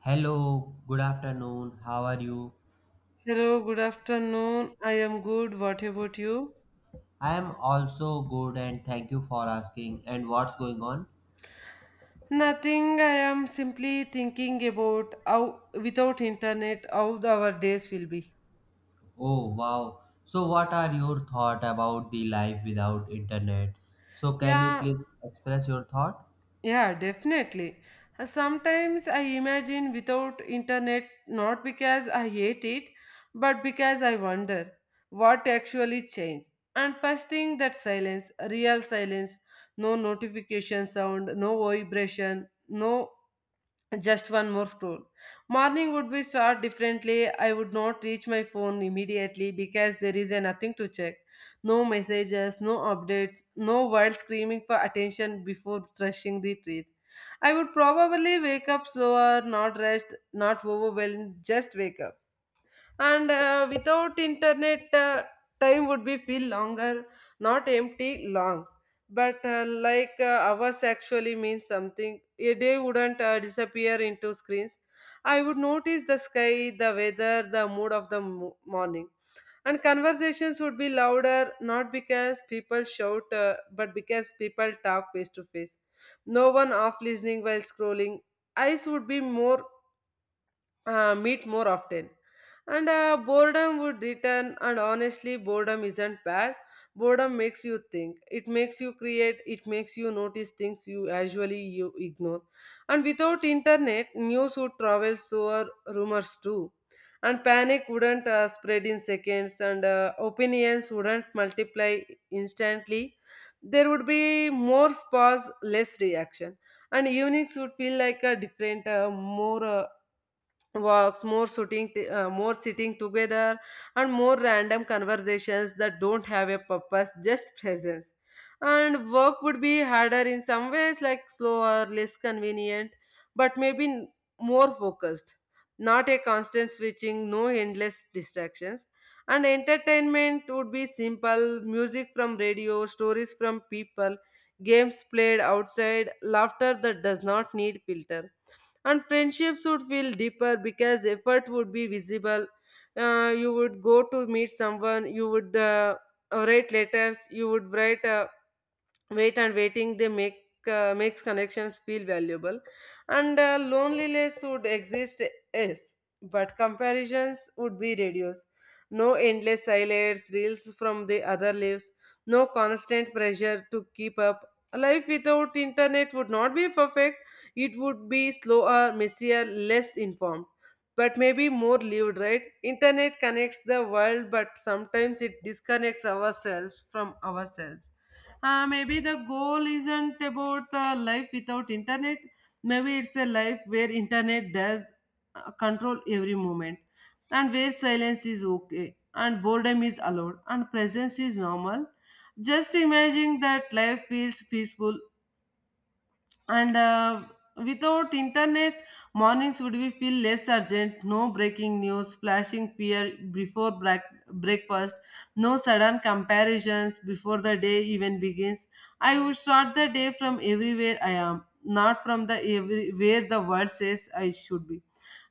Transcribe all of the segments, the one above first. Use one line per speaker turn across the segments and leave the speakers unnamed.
Hello, good afternoon. How are you?
Hello, good afternoon. I am good. What about you?
I am also good and thank you for asking. And what's going on?
Nothing. I am simply thinking about how without internet our days will be.
Oh, wow. So what are your thought about the life without internet? So can you
Yeah,
please express your thought?
yeah, definitely. Sometimes I imagine without internet, not because I hate it, but because I wonder what actually changed. And first thing, that silence, real silence, no notification sound, no vibration, no. Just one more scroll. Morning would be start differently. I would not reach my phone immediately because there is a nothing to check. No messages, no updates, no world screaming for attention before rushing the breath. I would probably wake up slower, not rest, not overwhelmed, just wake up. And without internet, time would be feel longer, not empty long, but like, hours actually means something. A day wouldn't disappear into screens. I would notice the sky, the weather, the mood of the morning. And conversations would be louder, not because people shout, but because people talk face to face. No one off listening while scrolling. Eyes would be more meet more often. And boredom would return, and honestly, boredom isn't bad. Boredom makes you think. It makes you create. It makes you notice things you usually you ignore. And without internet, news would travel slower, rumors too, and panic wouldn't spread in seconds, and opinions wouldn't multiply instantly. There would be more pause, less reaction, and evenings would feel like a different, more, walks, more more sitting together, and more random conversations that don't have a purpose, just presence. And work would be harder in some ways, like slower, less convenient, but more focused, not a constant switching, no endless distractions. And entertainment would be simple, music from radio, stories from people, games played outside, laughter that does not need filter. And friendships would feel deeper because effort would be visible. You would go to meet someone, you would write letters, you would write, wait. And waiting they make makes connections feel valuable. And loneliness would exist, yes, but comparisons would be reduced. No endless highlights reels from the other lives, no constant pressure to keep up. Life without internet would not be perfect. It would be slower, messier, less informed, but maybe more lived, right? Internet connects the world, but sometimes it disconnects ourselves from ourselves. Maybe the goal isn't about a life without internet. Maybe it's a life where internet does control every moment, and where silence is okay and boredom is allowed and presence is normal. Just imagine that life feels peaceful. And without internet, mornings would be feel less urgent. No breaking news flashing fear before breakfast, no sudden comparisons before the day even begins. I would start the day from everywhere I am, not from the every where the world says I should be.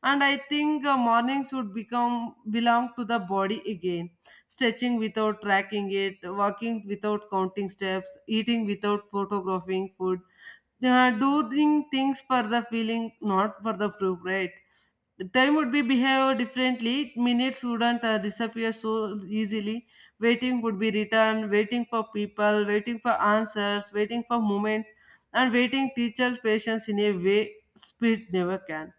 And I think mornings would become belong to the body again, stretching without tracking it, walking without counting steps, eating without photographing food. They are doing things for the feeling, not for the proof, right? The time would be behave differently. Minutes wouldn't disappear so easily. Waiting would be returned, waiting for people, waiting for answers, waiting for moments, and waiting teachers' patience in a way speed never can.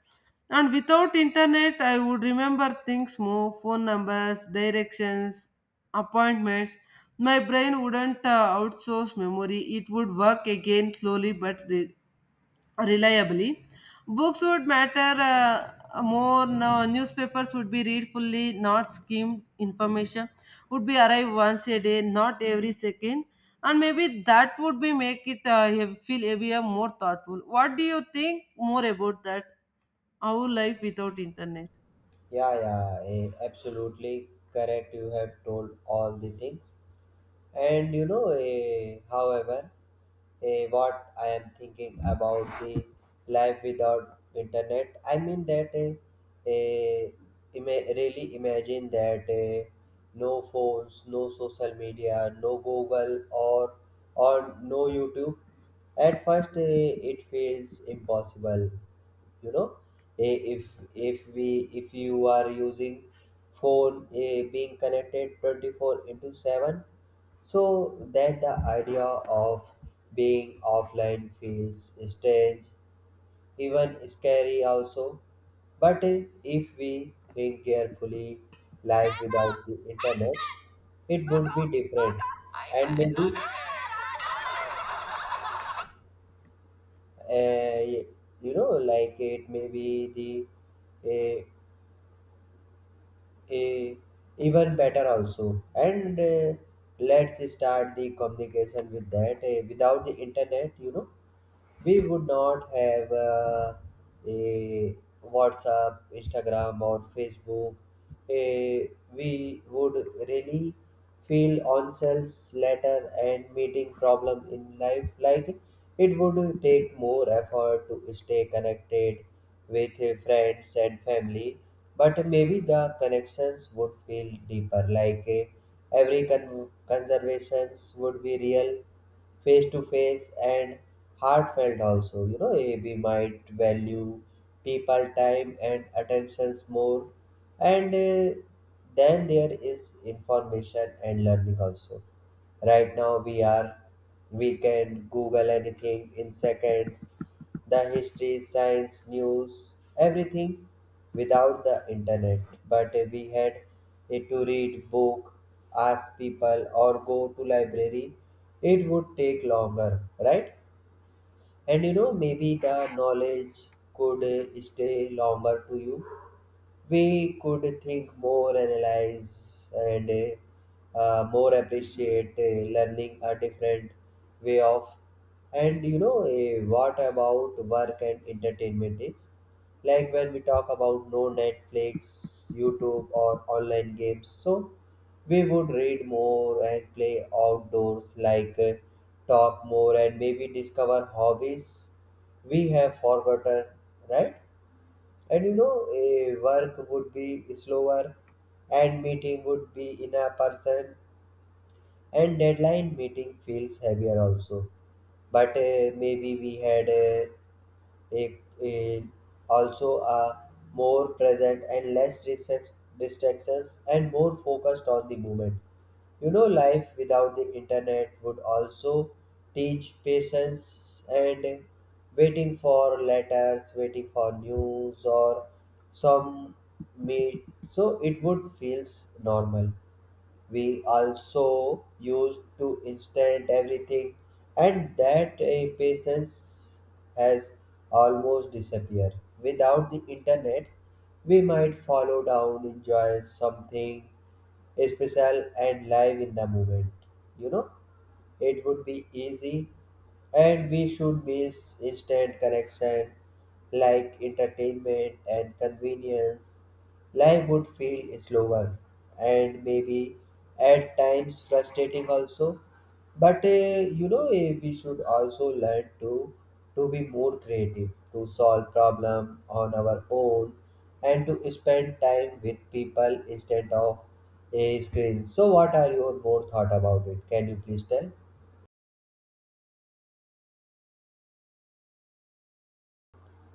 And without internet, I would remember things more, phone numbers, directions, appointments. My brain wouldn't outsource memory, it would work again slowly but reliably. Books would matter more. No, newspapers would be read fully, not skimmed. Information would be arrive once a day, not every second. And maybe that would be make it feel heavier, more thoughtful. What do you think more about that? Our life without internet.
Yeah, absolutely correct. You have told all the things. And you know, however, what I am thinking about the life without internet. I mean that eh, really imagine that no phones, no social media, no Google or no YouTube. At first, it feels impossible, you know. Eh, if if we if you are using phone, being connected 24 into 7, so that the idea of being offline feels strange, even scary also. But if we think carefully, life without the internet, it would be different. And maybe, uh, you know, like it may be the a, a even better also, and let's start the communication with that. Without the internet, you know, we would not have a WhatsApp, Instagram, or Facebook. Eh, we would really feel ourselves later and meeting problem in life. Like it would take more effort to stay connected with friends and family, but maybe the connections would feel deeper, like every conservations would be real, face to face, and heartfelt also. You know, we might value people time and attentions more, and then there is information and learning also. Right now, we can Google anything in seconds. The history, science, news, everything without the internet. But we had it to read book, ask people or go to library. It would take longer, right? And you know, maybe the knowledge could stay longer to you. We could think more, analyze, and more appreciate learning a different way of. And you know, what about work and entertainment is, like when we talk about no Netflix, YouTube or online games. So we would read more and play outdoors, like talk more, and maybe discover hobbies we have forgotten, right? And you know, a work would be slower, and meeting would be in a person, and deadline meeting feels heavier also. But maybe we had a also a more present and less distractions and more focused on the moment. You know, life without the internet would also teach patience, and waiting for letters, waiting for news or some meet. So it would feels normal. We also used to instant everything, and that impatience has almost disappeared. Without the internet, we might follow down, enjoy something special and live in the moment, you know. It would be easy, and we should miss instant connection, like entertainment and convenience. Life would feel slower and maybe at times frustrating also. But you know, we should also learn to be more creative, to solve problem on our own, and to spend time with people instead of a screen. So what are your more thought about it? Can you please tell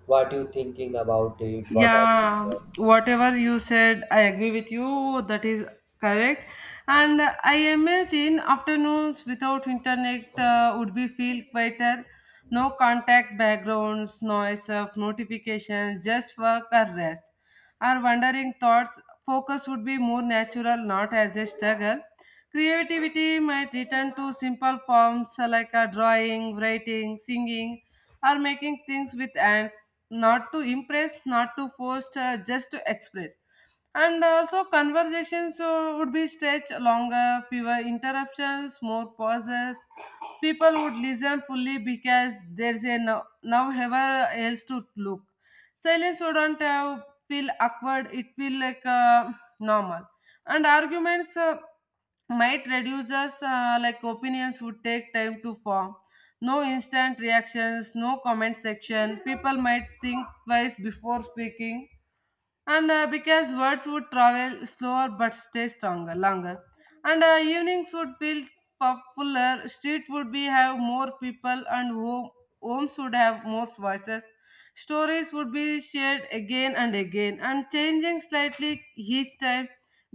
what you thinking about it? What are your
Yeah,
thoughts?
whatever you said, I agree with you. That is correct. And I imagine afternoons without internet would be feel quieter. No contact backgrounds, noise of notifications, just work or rest. Our wandering thoughts focus would be more natural, not as a struggle. Creativity might return to simple forms, like a drawing, writing, singing, or making things with hands, not to impress, not to force, just to express. And also, conversations would be stretched longer, fewer interruptions, more pauses. People would listen fully because there's a now ever else to look. Silence wouldn't have feel awkward, it feel like normal. And arguments, might reduce us, like opinions would take time to form. No instant reactions, no comment section, people might think twice before speaking. And because words would travel slower but stay stronger longer. And evenings would feel fuller. Street would be have more people, and homes would have more voices. Stories would be shared again and again, and changing slightly each time,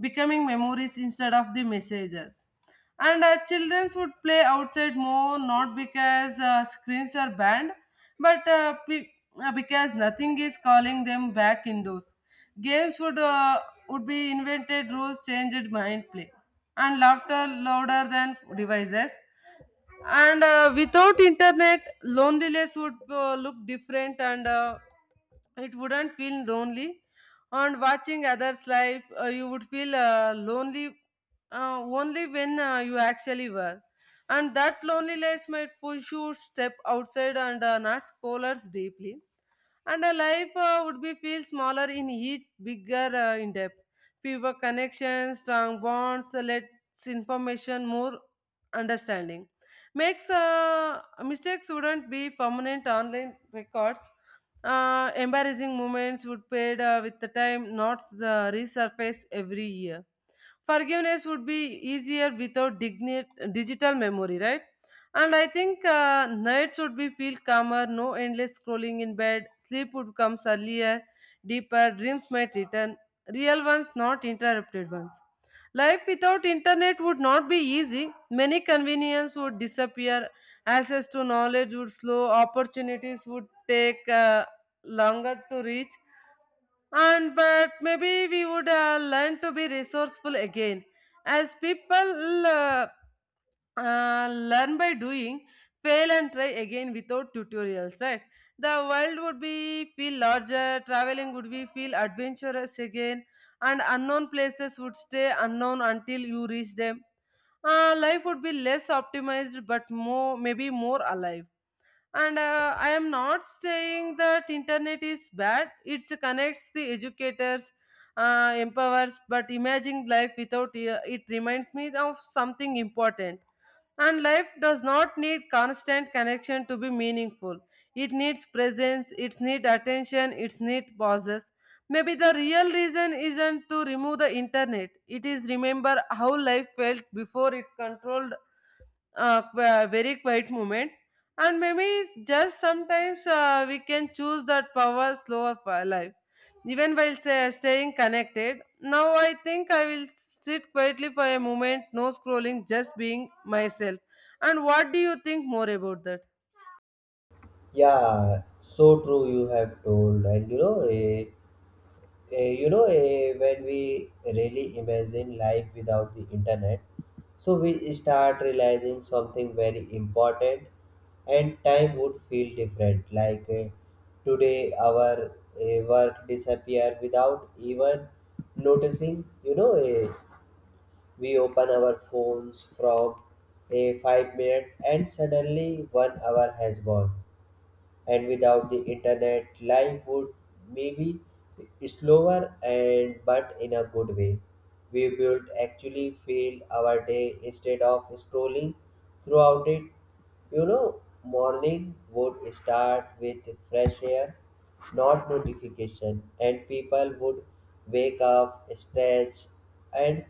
becoming memories instead of the messages. And children would play outside more, not because screens are banned, but because nothing is calling them back indoors. Games would be invented, rules changed, mind play, and laughter louder than devices. And without internet, loneliness would look different, and it wouldn't feel lonely. And watching others life, you would feel lonely only when you actually were. And that loneliness might push you step outside and not scholars deeply. And a life, would be feel smaller in each bigger, in depth. Fewer connections, strong bonds, less information, more understanding. Makes, mistakes wouldn't be permanent online records. Embarrassing moments would fade with the time, not the resurface every year. Forgiveness would be easier without digital memory, right? And I think nights would be feel calmer, no endless scrolling in bed, sleep would come earlier, deeper dreams might return, real ones, not interrupted ones. Life without internet would not be easy. Many convenience would disappear, access to knowledge would slow, opportunities would take longer to reach, and but maybe we would learn to be resourceful again, as people learn by doing, fail and try again without tutorials, right? The world would be feel larger, traveling would be feel adventurous again, and unknown places would stay unknown until you reach them. Life would be less optimized but more, maybe more alive. And I am not saying that internet is bad, it connects the educators, empowers. But imagine life without it, it reminds me of something important. And life does not need constant connection to be meaningful. It needs presence, it needs attention, it needs pauses. Maybe the real reason isn't to remove the internet, it is remember how life felt before it controlled very quiet moment. And maybe just sometimes, we can choose that power slow of our life, even while say, staying connected. Now I think I will sit quietly for a moment, no scrolling, just being myself. And what do you think more about that?
Yeah, so true you have told. And you know, you know, when we really imagine life without the internet, so we start realizing something very important, and time would feel different. Like today, our work disappear without even noticing. You know, we open our phones from a 5 minute and suddenly one hour has gone. And without the internet, life would maybe slower, and but in a good way. We would actually fill our day instead of scrolling throughout it. You know, morning would start with fresh air, not notification. And people would wake up, stretch, and